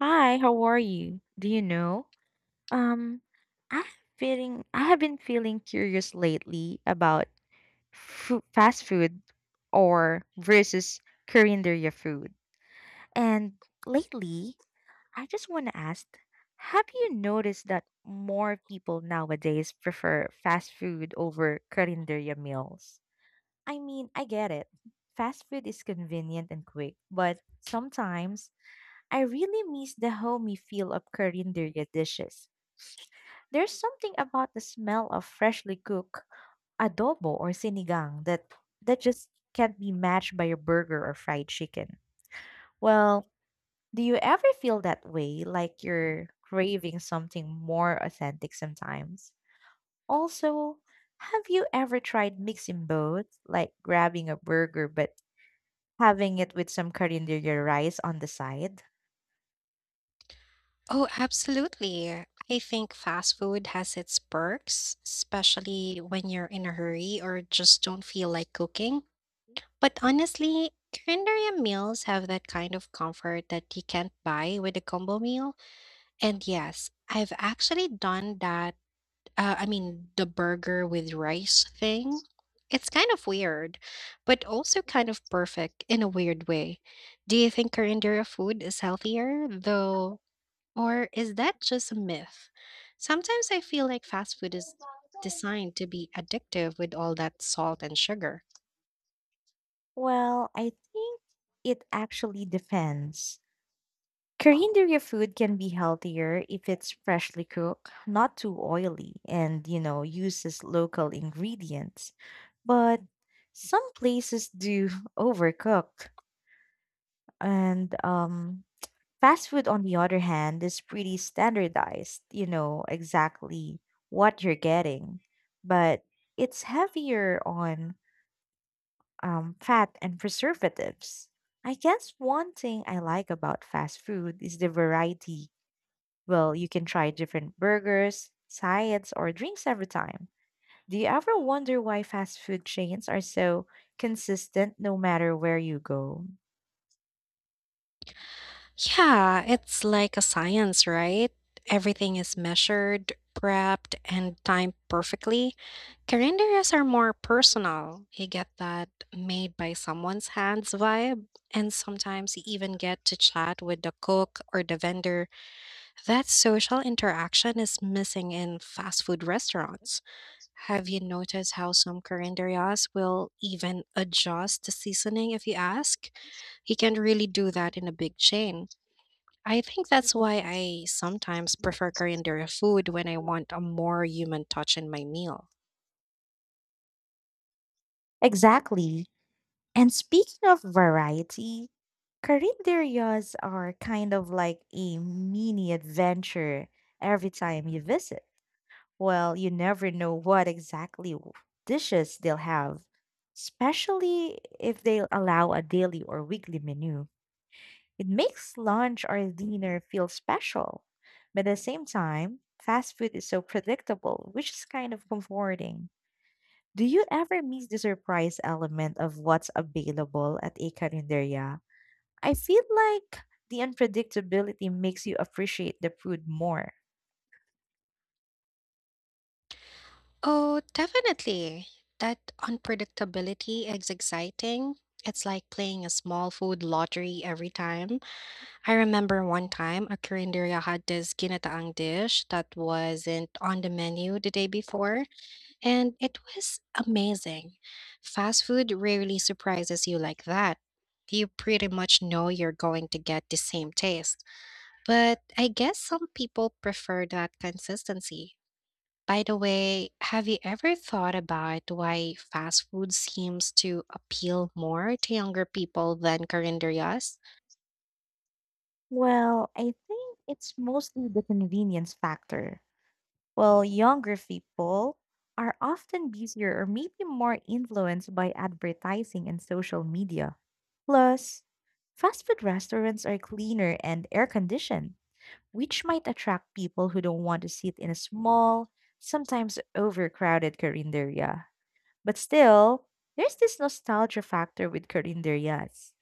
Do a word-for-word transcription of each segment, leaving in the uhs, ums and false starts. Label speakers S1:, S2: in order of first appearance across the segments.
S1: Hi, how are you? Do you know? Um, I have feeling I have been feeling curious lately about fu- fast food or versus Korean food. And lately, I just want to ask, have you noticed that more people nowadays prefer fast food over Korean meals? I mean, I get it. Fast food is convenient and quick, but sometimes I really miss the homey feel of Korean dishes. There's something about the smell of freshly cooked adobo or sinigang that that just can't be matched by a burger or fried chicken. Well, do you ever feel that way, like you're craving something more authentic sometimes? Also, have you ever tried mixing both, like grabbing a burger but having it with some Korean rice on the side?
S2: Oh, absolutely. I think fast food has its perks, especially when you're in a hurry or just don't feel like cooking. But honestly, Korean meals have that kind of comfort that you can't buy with a combo meal. And yes, I've actually done that. Uh, I mean, the burger with rice thing. It's kind of weird, but also kind of perfect in a weird way. Do you think Korean food is healthier, though? Or is that just a myth? Sometimes I feel like fast food is designed to be addictive with all that salt and sugar.
S1: Well, I think it actually depends. Korean food can be healthier if it's freshly cooked, not too oily, and you know, uses local ingredients. But some places do overcook. And um fast food on the other hand is pretty standardized, you know, exactly what you're getting. But it's heavier on um, fat and preservatives. I guess one thing I like about fast food is the variety. Well, you can try different burgers, sides, or drinks every time. Do you ever wonder why fast food chains are so consistent no matter where you go?
S2: Yeah, it's like a science, right? Everything is measured, prepped, and timed perfectly. Carinderas are more personal. You get that made by someone's hands vibe, and sometimes you even get to chat with the cook or the vendor. That social interaction is missing in fast food restaurants. Have you noticed how some carinderias will even adjust the seasoning if you ask? You can't really do that in a big chain. I think that's why I sometimes prefer carinderia food when I want a more human touch in my meal.
S1: Exactly. And speaking of variety, Carinderías are kind of like a mini adventure every time you visit. Well, you never know what exactly w- dishes they'll have, especially if they allow a daily or weekly menu. It makes lunch or dinner feel special. But at the same time, fast food is so predictable, which is kind of comforting. Do you ever miss the surprise element of what's available at a carinderia? I feel like the unpredictability makes you appreciate the food more.
S2: Oh, definitely. That unpredictability is exciting. It's like playing a small food lottery every time. I remember one time a karinderya had this ginataang dish that wasn't on the menu the day before, and it was amazing. Fast food rarely surprises you like that. You pretty much know you're going to get the same taste. But I guess some people prefer that consistency. By the way, have you ever thought about why fast food seems to appeal more to younger people than karinderyas?
S1: Well, I think it's mostly the convenience factor. Well, younger people are often busier or maybe more influenced by advertising and social media. Plus, fast food restaurants are cleaner and air conditioned, which might attract people who don't want to sit in a small, sometimes overcrowded carinderia. But still, there's this nostalgia factor with carinderias.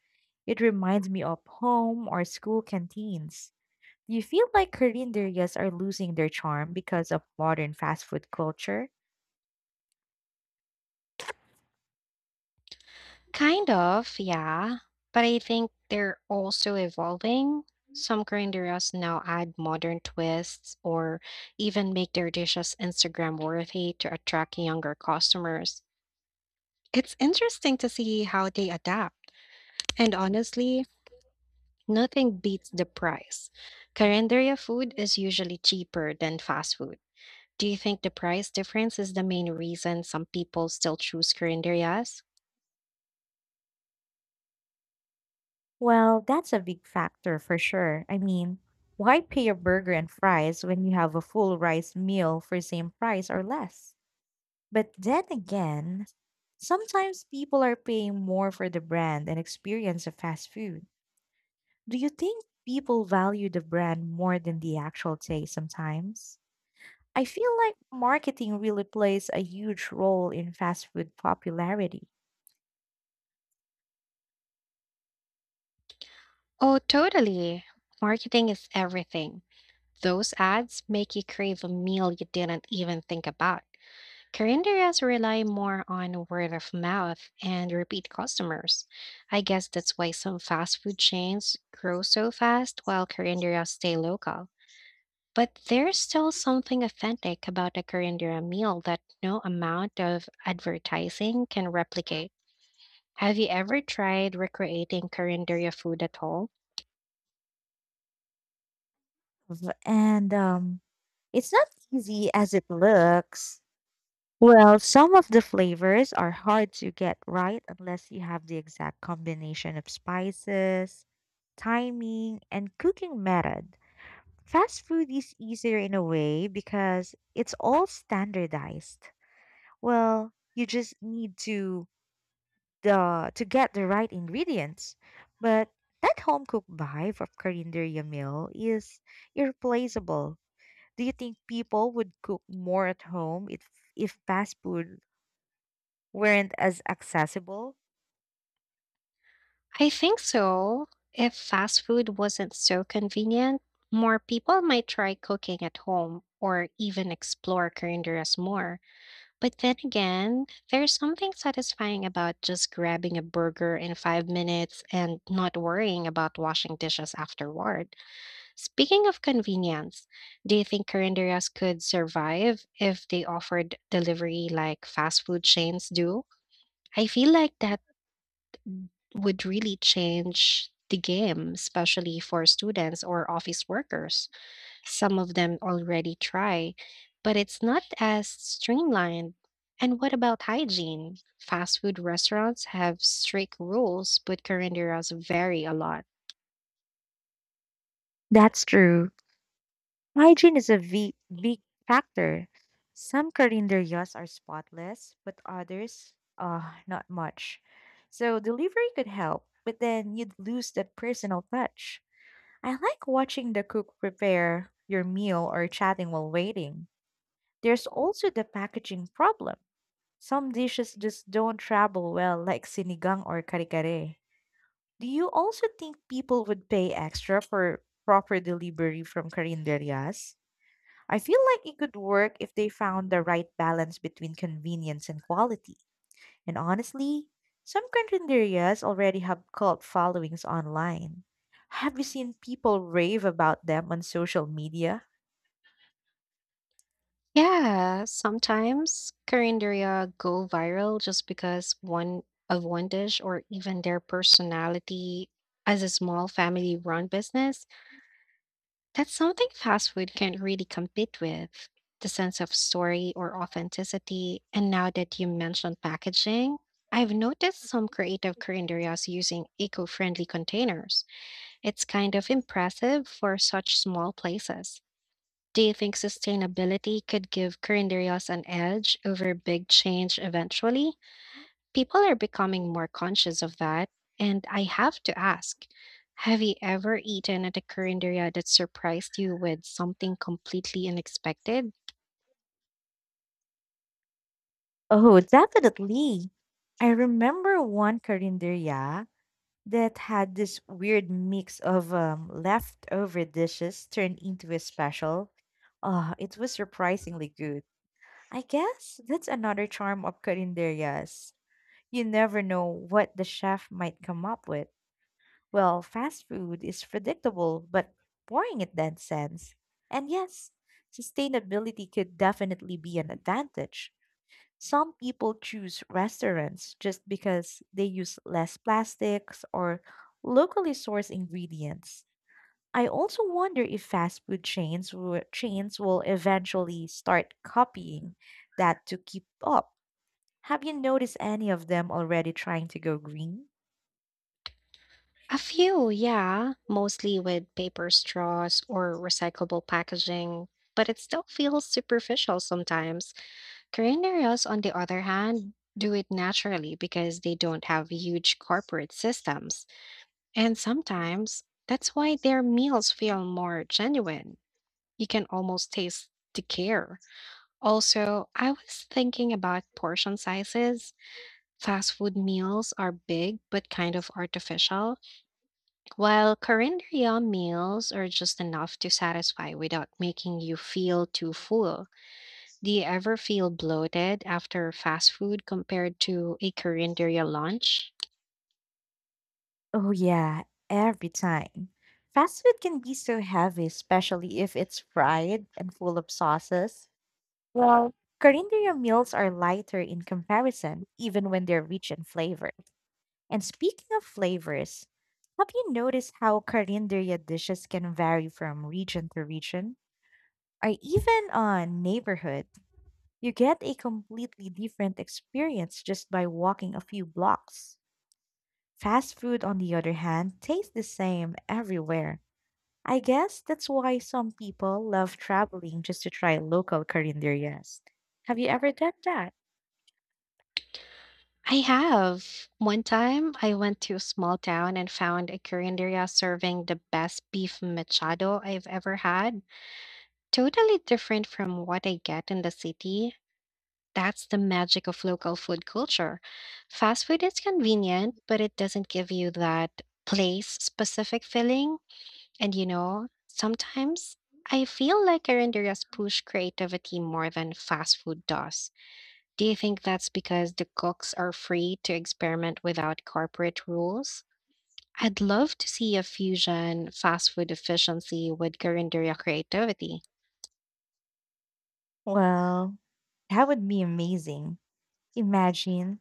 S1: It reminds me of home or school canteens. Do you feel like carinderias are losing their charm because of modern fast food culture?
S2: Kind of, yeah. But I think they're also evolving. Some culinarians now add modern twists or even make their dishes Instagram worthy to attract younger customers. It's interesting to see how they adapt. And honestly, nothing beats the price. Carinderia food is usually cheaper than fast food. Do you think the price difference is the main reason some people still choose carinderias?
S1: Well, that's a big factor for sure. I mean, why pay a burger and fries when you have a full rice meal for same price or less? But then again, sometimes people are paying more for the brand and experience of fast food. Do you think people value the brand more than the actual taste sometimes? I feel like marketing really plays a huge role in fast food popularity.
S2: Oh, totally. Marketing is everything. Those ads make you crave a meal you didn't even think about. Carinderias rely more on word of mouth and repeat customers. I guess that's why some fast food chains grow so fast while carinderas stay local. But there's still something authentic about a carindera meal that no amount of advertising can replicate. Have you ever tried recreating carindera food at home?
S1: V- And um, it's not easy as it looks. Well, some of the flavors are hard to get right unless you have the exact combination of spices, timing, and cooking method. Fast food is easier in a way because it's all standardized. Well, you just need to the to get the right ingredients. But that home cooked vibe of Carinderia meal is irreplaceable. Do you think people would cook more at home if if fast food weren't as accessible?
S2: I think so. If fast food wasn't so convenient, more people might try cooking at home or even explore Corinderas more. But then again, there's something satisfying about just grabbing a burger in five minutes and not worrying about washing dishes afterward. Speaking of convenience, do you think Corinderas could survive if they offered delivery like fast food chains do? I feel like that would really change the game, especially for students or office workers. Some of them already try, but it's not as streamlined. And what about hygiene? Fast food restaurants have strict rules, but carinderas vary a lot.
S1: That's true. Hygiene is a big, big factor. Some calendarias are spotless, but others, uh, not much. So delivery could help, but then you'd lose that personal touch. I like watching the cook prepare your meal or chatting while waiting. There's also the packaging problem. Some dishes just don't travel well, like sinigang or karikare. Do you also think people would pay extra for proper delivery from calendarias? I feel like it could work if they found the right balance between convenience and quality. And honestly, some cafeterias already have cult followings online. Have you seen people rave about them on social media?
S2: Yeah, sometimes Carinderia go viral just because one of one dish or even their personality as a small family run business. That's something fast food can't really compete with the sense of story or authenticity. And now that you mentioned packaging, I've noticed some creative curanderías using eco friendly containers. It's kind of impressive for such small places. Do you think sustainability could give curanderías an edge over big change eventually? People are becoming more conscious of that, and I have to ask, have you ever eaten at a Korinderia that surprised you with something completely unexpected?
S1: Oh, definitely. I remember one carinderia that had this weird mix of um, leftover dishes turned into a special. Oh, it was surprisingly good. I guess that's another charm of carinderias. You never know what the chef might come up with. Well, fast food is predictable, but boring in that sense. And yes, sustainability could definitely be an advantage. Some people choose restaurants just because they use less plastics or locally sourced ingredients. I also wonder if fast food chains will, chains will eventually start copying that to keep up. Have you noticed any of them already trying to go green?
S2: A few, yeah, mostly with paper straws or recyclable packaging, but it still feels superficial sometimes. Korinderas, on the other hand, do it naturally because they don't have huge corporate systems. And sometimes that's why their meals feel more genuine. You can almost taste the care. Also, I was thinking about portion sizes. Fast food meals are big but kind of artificial, while Korean Yum meals are just enough to satisfy without making you feel too full. Do you ever feel bloated after fast food compared to a Korean derial lunch?
S1: Oh, yeah, every time. Fast food can be so heavy, especially if it's fried and full of sauces. Well, Corinthia meals are lighter in comparison, even when they're rich in flavor. And speaking of flavors, have you noticed how Corinthia dishes can vary from region to region? Or even on neighborhood? You get a completely different experience just by walking a few blocks. Fast food, on the other hand, tastes the same everywhere. I guess that's why some people love traveling just to try local carinderias. Have you ever done that?
S2: I have. One time, I went to a small town and found a Korean derial serving the best beef machado I've ever had. Totally different from what I get in the city. That's the magic of local food culture. Fast food is convenient, but it doesn't give you that place specific feeling. And you know, sometimes I feel like Carinderia's push creativity more than fast food does. Do you think that's because the cooks are free to experiment without corporate rules? I'd love to see a fusion fast food efficiency with Carinderia creativity.
S1: Well, that would be amazing. Imagine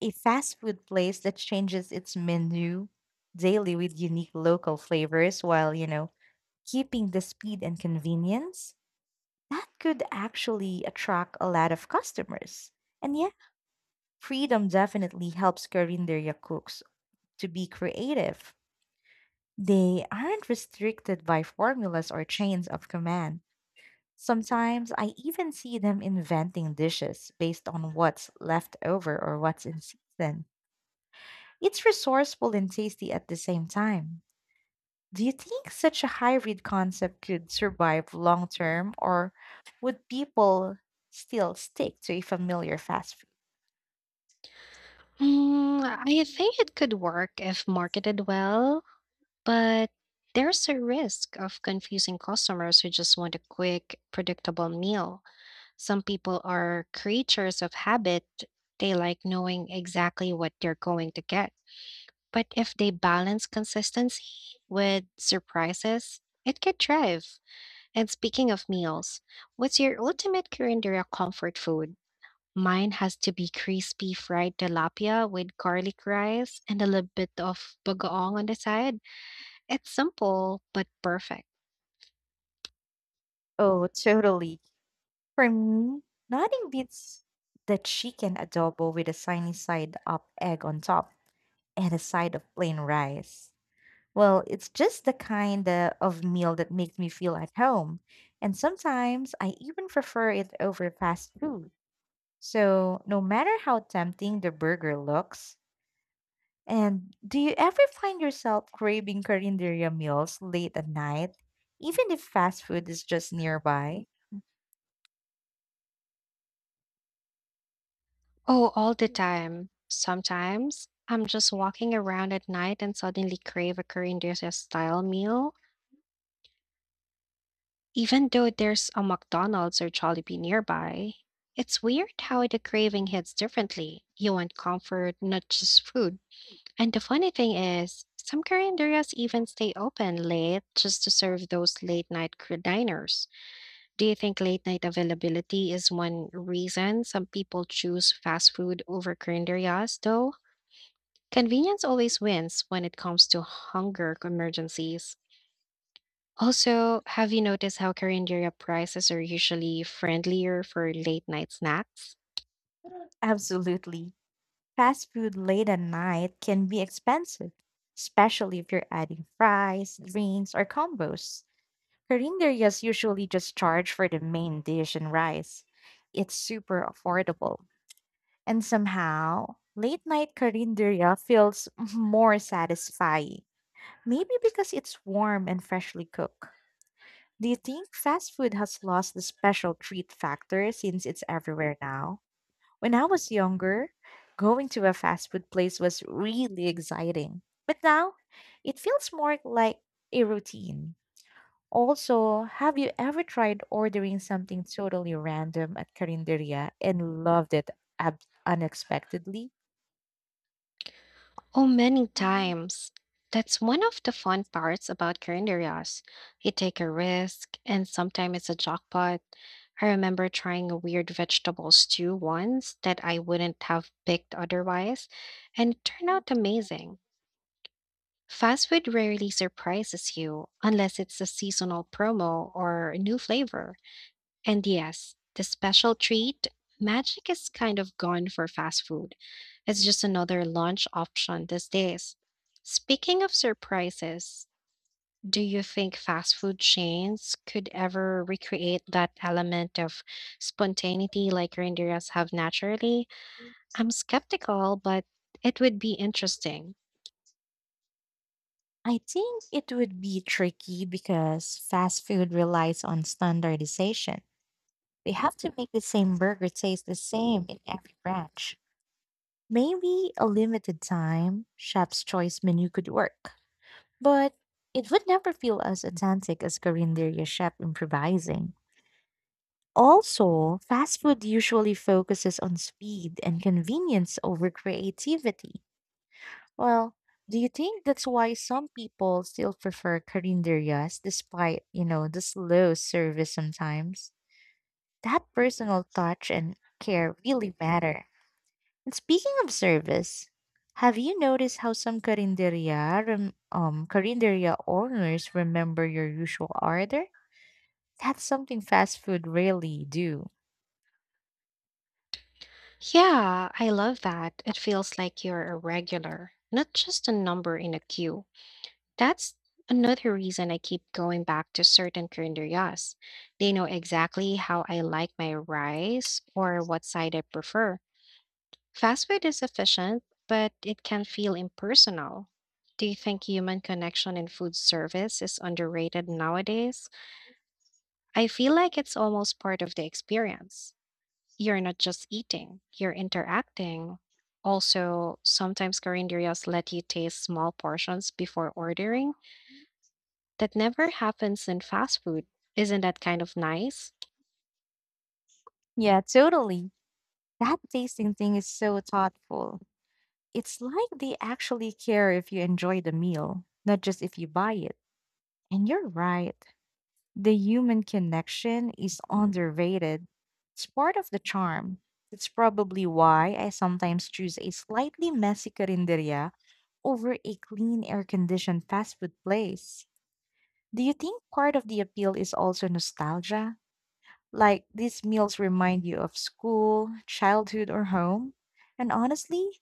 S1: a fast food place that changes its menu daily with unique local flavors while, you know, keeping the speed and convenience. That could actually attract a lot of customers. And yeah, freedom definitely helps carinderia cooks to be creative. They aren't restricted by formulas or chains of command. Sometimes I even see them inventing dishes based on what's left over or what's in season. It's resourceful and tasty at the same time. Do you think such a hybrid concept could survive long term, or would people still stick to a familiar fast
S2: Mm, I
S1: food?
S2: think it could work if marketed well, but there's a risk of confusing customers who just want a quick, predictable meal. Some people are creatures of habit, they like knowing exactly what they're going to get. But if they balance consistency with surprises, it could thrive. And speaking of meals, what's your ultimate Korean comfort food? Mine has to be crispy fried tilapia with garlic rice and a little bit of bagoong on the side. It's simple but perfect.
S1: Oh, totally. For me, nothing beats the chicken adobo with a sunny side up egg on top and a side of plain rice. Well, it's just the kind uh, of meal that makes me feel at home. And sometimes I even prefer it over fast food. So, no matter how tempting the burger looks, and do you ever find yourself craving Corinderia meals late at night, even if fast food is just nearby?
S2: Oh, all the time. Sometimes I'm just walking around at night and suddenly crave a Korean dish style meal, even though there's a McDonald's or Jollibee nearby. It's weird how the craving hits differently. You want comfort, not just food. And the funny thing is, some korean carinderias even stay open late just to serve those late night cr- diners. Do you think late night availability is one reason some people choose fast food over korean carinderias, though? Convenience always wins when it comes to hunger emergencies. Also, have you noticed how korean carinderia prices are usually friendlier for late night snacks?
S1: Absolutely. Fast food late at night can be expensive, especially if you're adding fries, drinks, or combos. Carinderias usually just charge for the main dish and rice. It's super affordable. And somehow, late night carinderia feels more satisfying. Maybe because it's warm and freshly cooked. Do you think fast food has lost the special treat factor since it's everywhere now? When I was younger, going to a fast food place was really exciting. But now, it feels more like a routine. Also, have you ever tried ordering something totally random at Carinderia and loved it ab- unexpectedly?
S2: Oh, many times. That's one of the fun parts about calendarias. You take a risk, and sometimes it's a jackpot. I remember trying a weird vegetable stew once that I wouldn't have picked otherwise, and it turned out amazing. Fast food rarely surprises you unless it's a seasonal promo or a new flavor. And yes, the special treat, magic is kind of gone for fast food. It's just another lunch option these days. Speaking of surprises, do you think fast food chains could ever recreate that element of spontaneity like reindeers have naturally? I'm skeptical, but it would be interesting.
S1: I think it would be tricky because fast food relies on standardization. They have to make the same burger taste the same in every branch. Maybe a limited time chef's choice menu could work, but it would never feel as authentic as Carinderia chef improvising. Also, fast food usually focuses on speed and convenience over creativity. Well, do you think that's why some people still prefer carinderias despite, you know, the slow service sometimes? That personal touch and care really matter. And speaking of service, have you noticed how some carinderia, rem- um, carinderia owners remember your usual order? That's something fast food rarely do.
S2: Yeah, I love that. It feels like you're a regular, not just a number in a queue. That's another reason I keep going back to certain calendarias. They know exactly how I like my rice or what side I prefer. Fast food is efficient, but it can feel impersonal. Do you think human connection in food service is underrated nowadays? I feel like it's almost part of the experience. You're not just eating, you're interacting. Also, sometimes calendarias let you taste small portions before ordering. That never happens in fast food. Isn't that kind of nice?
S1: Yeah, totally. That tasting thing is so thoughtful. It's like they actually care if you enjoy the meal, not just if you buy it. And you're right. The human connection is underrated. It's part of the charm. That's probably why I sometimes choose a slightly messy carinderia over a clean, air conditioned fast food place. Do you think part of the appeal is also nostalgia? Like these meals remind you of school, childhood, or home? And honestly,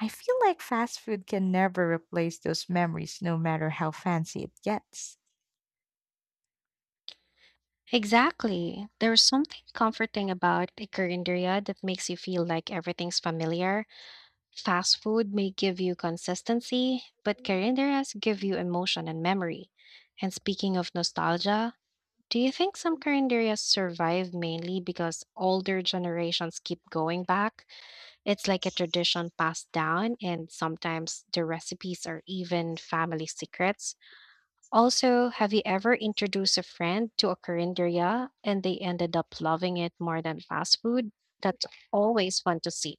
S1: I feel like fast food can never replace those memories, no matter how fancy it gets.
S2: Exactly. There's something comforting about a Korean that makes you feel like everything's familiar. Fast food may give you consistency, but Koreanderias give you emotion and memory. And speaking of nostalgia, do you think some Koreanderias survive mainly because older generations keep going back? It's like a tradition passed down, and sometimes the recipes are even family secrets. Also, have you ever introduced a friend to a korean and they ended up loving it more than fast food? That's always fun to see.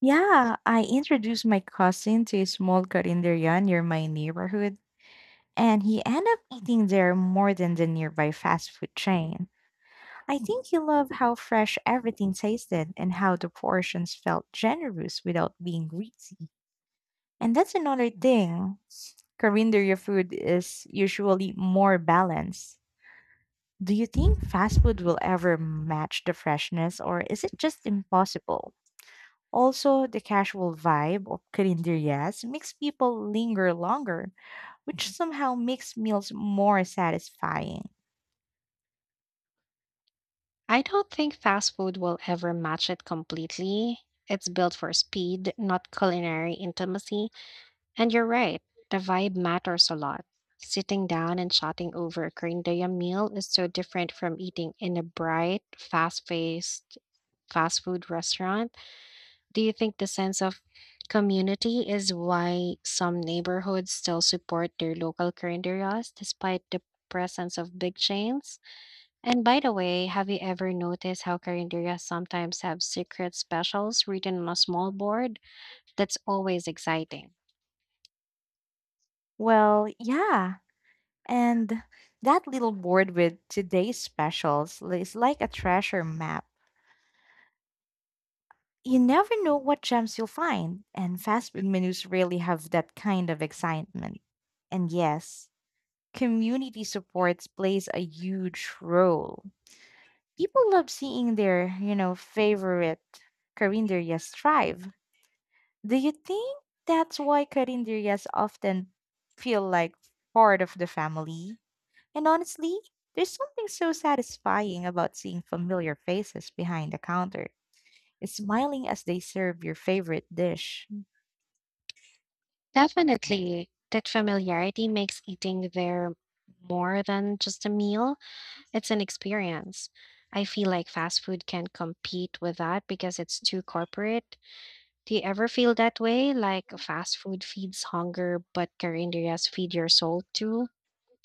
S1: Yeah, I introduced my cousin to a small karinderya near my neighborhood, and he ended up eating there more than the nearby fast food chain. I think he loved how fresh everything tasted and how the portions felt generous without being greasy. And that's another thing. Coriander your food is usually more balanced. Do you think fast food will ever match the freshness or is it just impossible? Also, the casual vibe of yes makes people linger longer, which somehow makes meals more satisfying.
S2: I don't think fast food will ever match it completely. It's built for speed, not culinary intimacy. And you're right, the vibe matters a lot. Sitting down and chatting over a korean meal is so different from eating in a bright, fast-paced fast food restaurant. Do you think the sense of community is why some neighborhoods still support their local carinderias despite the presence of big chains? And by the way, have you ever noticed how carinderias sometimes have secret specials written on a small board? That's always exciting.
S1: Well, yeah, and that little board with today's specials is like a treasure map. You never know what gems you'll find, and fast food menus really have that kind of excitement. And yes, community supports plays a huge role. People love seeing their, you know, favorite carinderias thrive. Do you think that's why carinderias often feel like part of the family? And honestly, there's something so satisfying about seeing familiar faces behind the counter, smiling as they serve your favorite dish.
S2: Definitely, that familiarity makes eating there more than just a meal, it's an experience. I feel like fast food can compete with that because it's too corporate. Do you ever feel that way? Like fast food feeds hunger, but carinderias feed your soul too?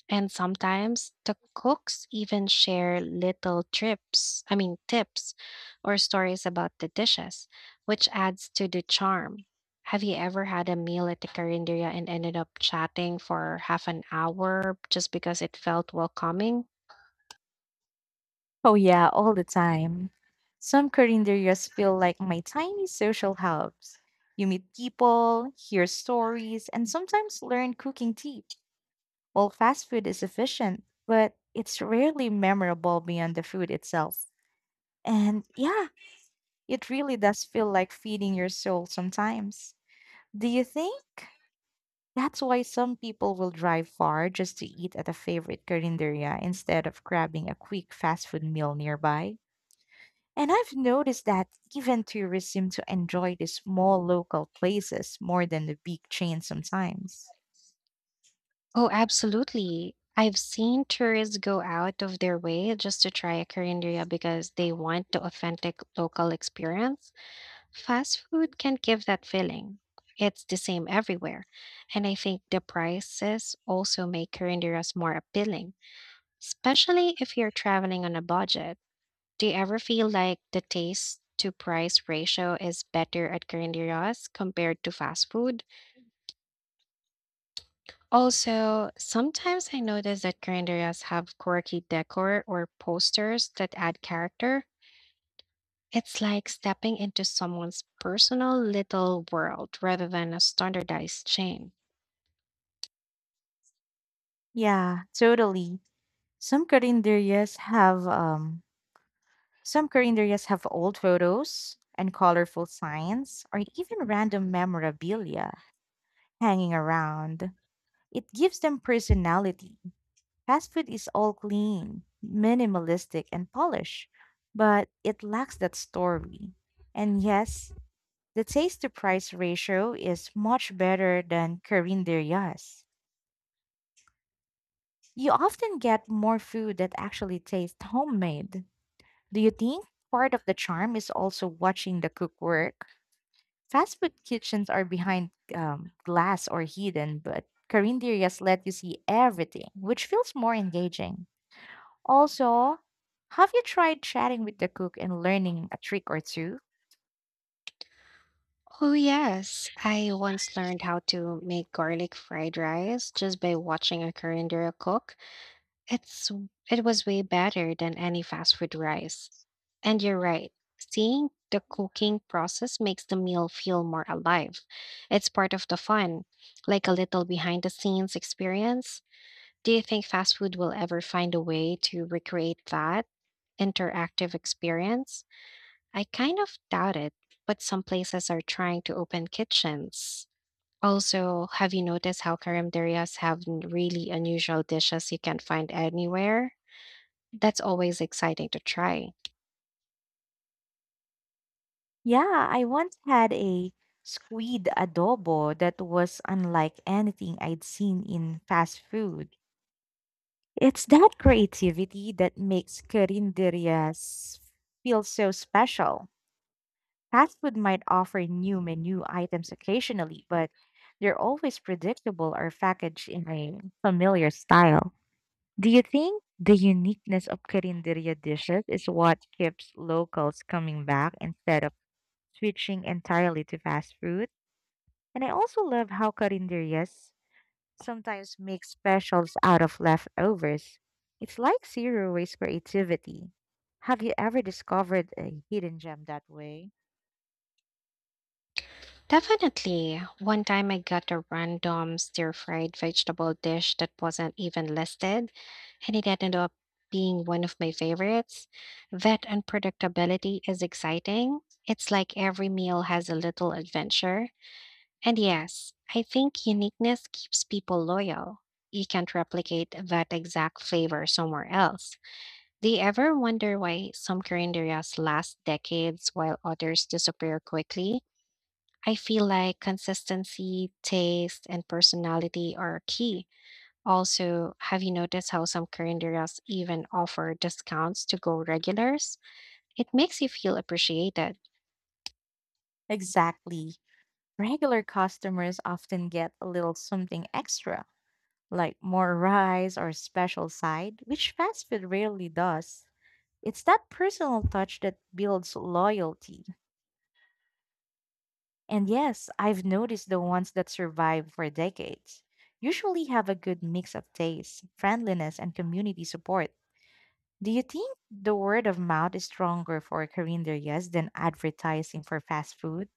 S2: And sometimes the cooks even share little trips, I mean, tips or stories about the dishes, which adds to the charm. Have you ever had a meal at the carinderia and ended up chatting for half an hour just because it felt welcoming?
S1: Oh, yeah, all the time. Some carinderias feel like my tiny social hubs. You meet people, hear stories, and sometimes learn cooking tips. While fast food is efficient, but it's rarely memorable beyond the food itself. And yeah, it really does feel like feeding your soul sometimes. Do you think that's why some people will drive far just to eat at a favorite carinderia instead of grabbing a quick fast food meal nearby. And I've noticed that even tourists seem to enjoy the small local places more than the big chains sometimes.
S2: Oh, absolutely. I've seen tourists go out of their way just to try a Korean because they want the authentic local experience. Fast food can give that feeling. It's the same everywhere. And I think the prices also make Korean more appealing, especially if you're traveling on a budget. Do you ever feel like the taste to price ratio is better at Korean compared to fast food? Also, sometimes I notice that grand areas have quirky decor or posters that add character. It's like stepping into someone's personal little world rather than a standardized chain.
S1: Yeah, totally. Some carinderias have um some carinderias have old photos and colorful signs or even random memorabilia hanging around. It gives them personality. Fast food is all clean, minimalistic, and polished, but it lacks that story. And yes, the taste to price ratio is much better than Korean. You often get more food that actually tastes homemade. Do you think part of the charm is also watching the cook work? Fast food kitchens are behind um, glass or hidden, but Korean let you see everything, which feels more engaging. Also, have you tried chatting with the cook and learning a trick or two?
S2: Oh, yes. I once learned how to make garlic fried rice just by watching a Korean cook. It's it was way better than any fast food rice. And you're right. Seeing the cooking process makes the meal feel more alive. It's part of the fun, like a little behind the scenes experience. Do you think fast food will ever find a way to recreate that interactive experience? I kind of doubt it, but some places are trying to open kitchens. Also, have you noticed how carinderias have n- really unusual dishes you can't find anywhere? That's always exciting to try.
S1: Yeah, I once had a squid adobo that was unlike anything I'd seen in fast food. It's that creativity that makes carinderias feel so special. Fast food might offer new menu items occasionally, but they're always predictable or packaged in a familiar style. Do you think the uniqueness of carinderia dishes is what keeps locals coming back instead of switching entirely to fast food? And I also love how carinderias sometimes make specials out of leftovers. It's like zero waste creativity. Have you ever discovered a hidden gem that way?
S2: Definitely. One time I got a random stir-fried vegetable dish that wasn't even listed, and it ended up being one of my favorites. That unpredictability is exciting. It's like every meal has a little adventure. And yes, I think uniqueness keeps people loyal. You can't replicate that exact flavor somewhere else. Do you ever wonder why some current areas last decades while others disappear quickly? I feel like consistency, taste, and personality are key. Also, have you noticed how some calendars even offer discounts to go regulars? It makes you feel appreciated.
S1: Exactly. Regular customers often get a little something extra, like more rice or a special side, which fast food rarely does. It's that personal touch that builds loyalty. And yes, I've noticed the ones that survive for decades usually have a good mix of taste, friendliness, and community support. Do you think the word of mouth is stronger for carinderias than advertising for fast food?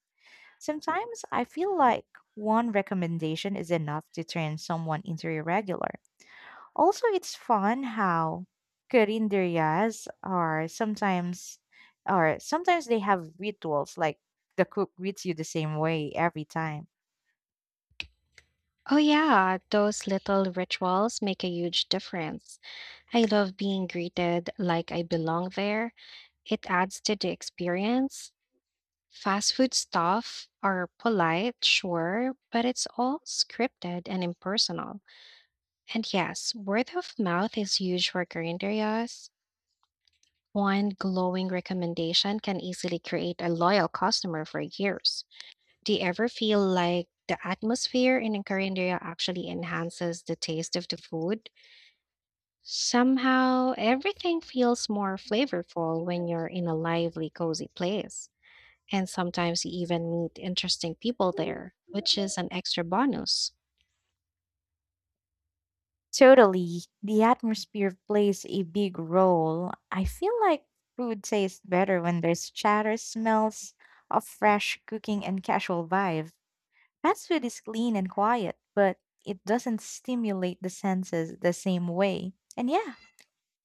S1: Sometimes I feel like one recommendation is enough to turn someone into a regular. Also, it's fun how Carinderias are sometimes or sometimes they have rituals like the cook greets you the same way every time.
S2: Oh, yeah, those little rituals make a huge difference. I love being greeted like I belong there. It adds to the experience. Fast food stuff are polite, sure, but it's all scripted and impersonal. And yes, word of mouth is huge for current areas. One glowing recommendation can easily create a loyal customer for years. Do you ever feel like the atmosphere in a current area actually enhances the taste of the food? Somehow, everything feels more flavorful when you're in a lively, cozy place. And sometimes you even meet interesting people there, which is an extra bonus.
S1: Totally. The atmosphere plays a big role. I feel like food tastes better when there's chatter, smells of fresh cooking, and casual vibe. Fast food is clean and quiet, but it doesn't stimulate the senses the same way. And yeah,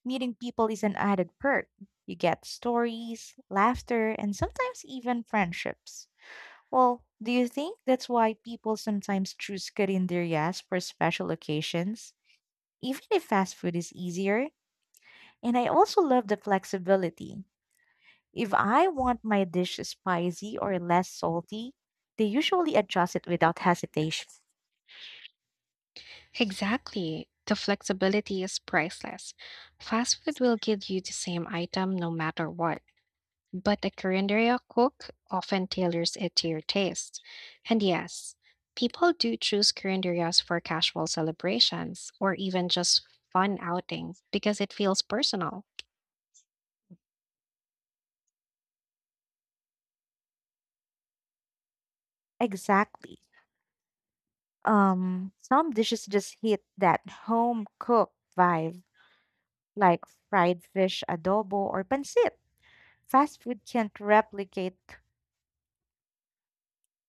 S1: meeting people is an added perk. You get stories, laughter, and sometimes even friendships. Well, do you think that's why people sometimes choose carinderias for special occasions, even if fast food is easier? And I also love the flexibility. If I want my dish spicy or less salty, they usually adjust it without hesitation.
S2: Exactly. The flexibility is priceless. Fast food will give you the same item no matter what, but a Korean cook often tailors it to your taste. And yes, people do choose Korean for casual celebrations or even just fun outing because it feels personal.
S1: Exactly. Um, some dishes just hit that home cook vibe like fried fish adobo or pancit. Fast food can't replicate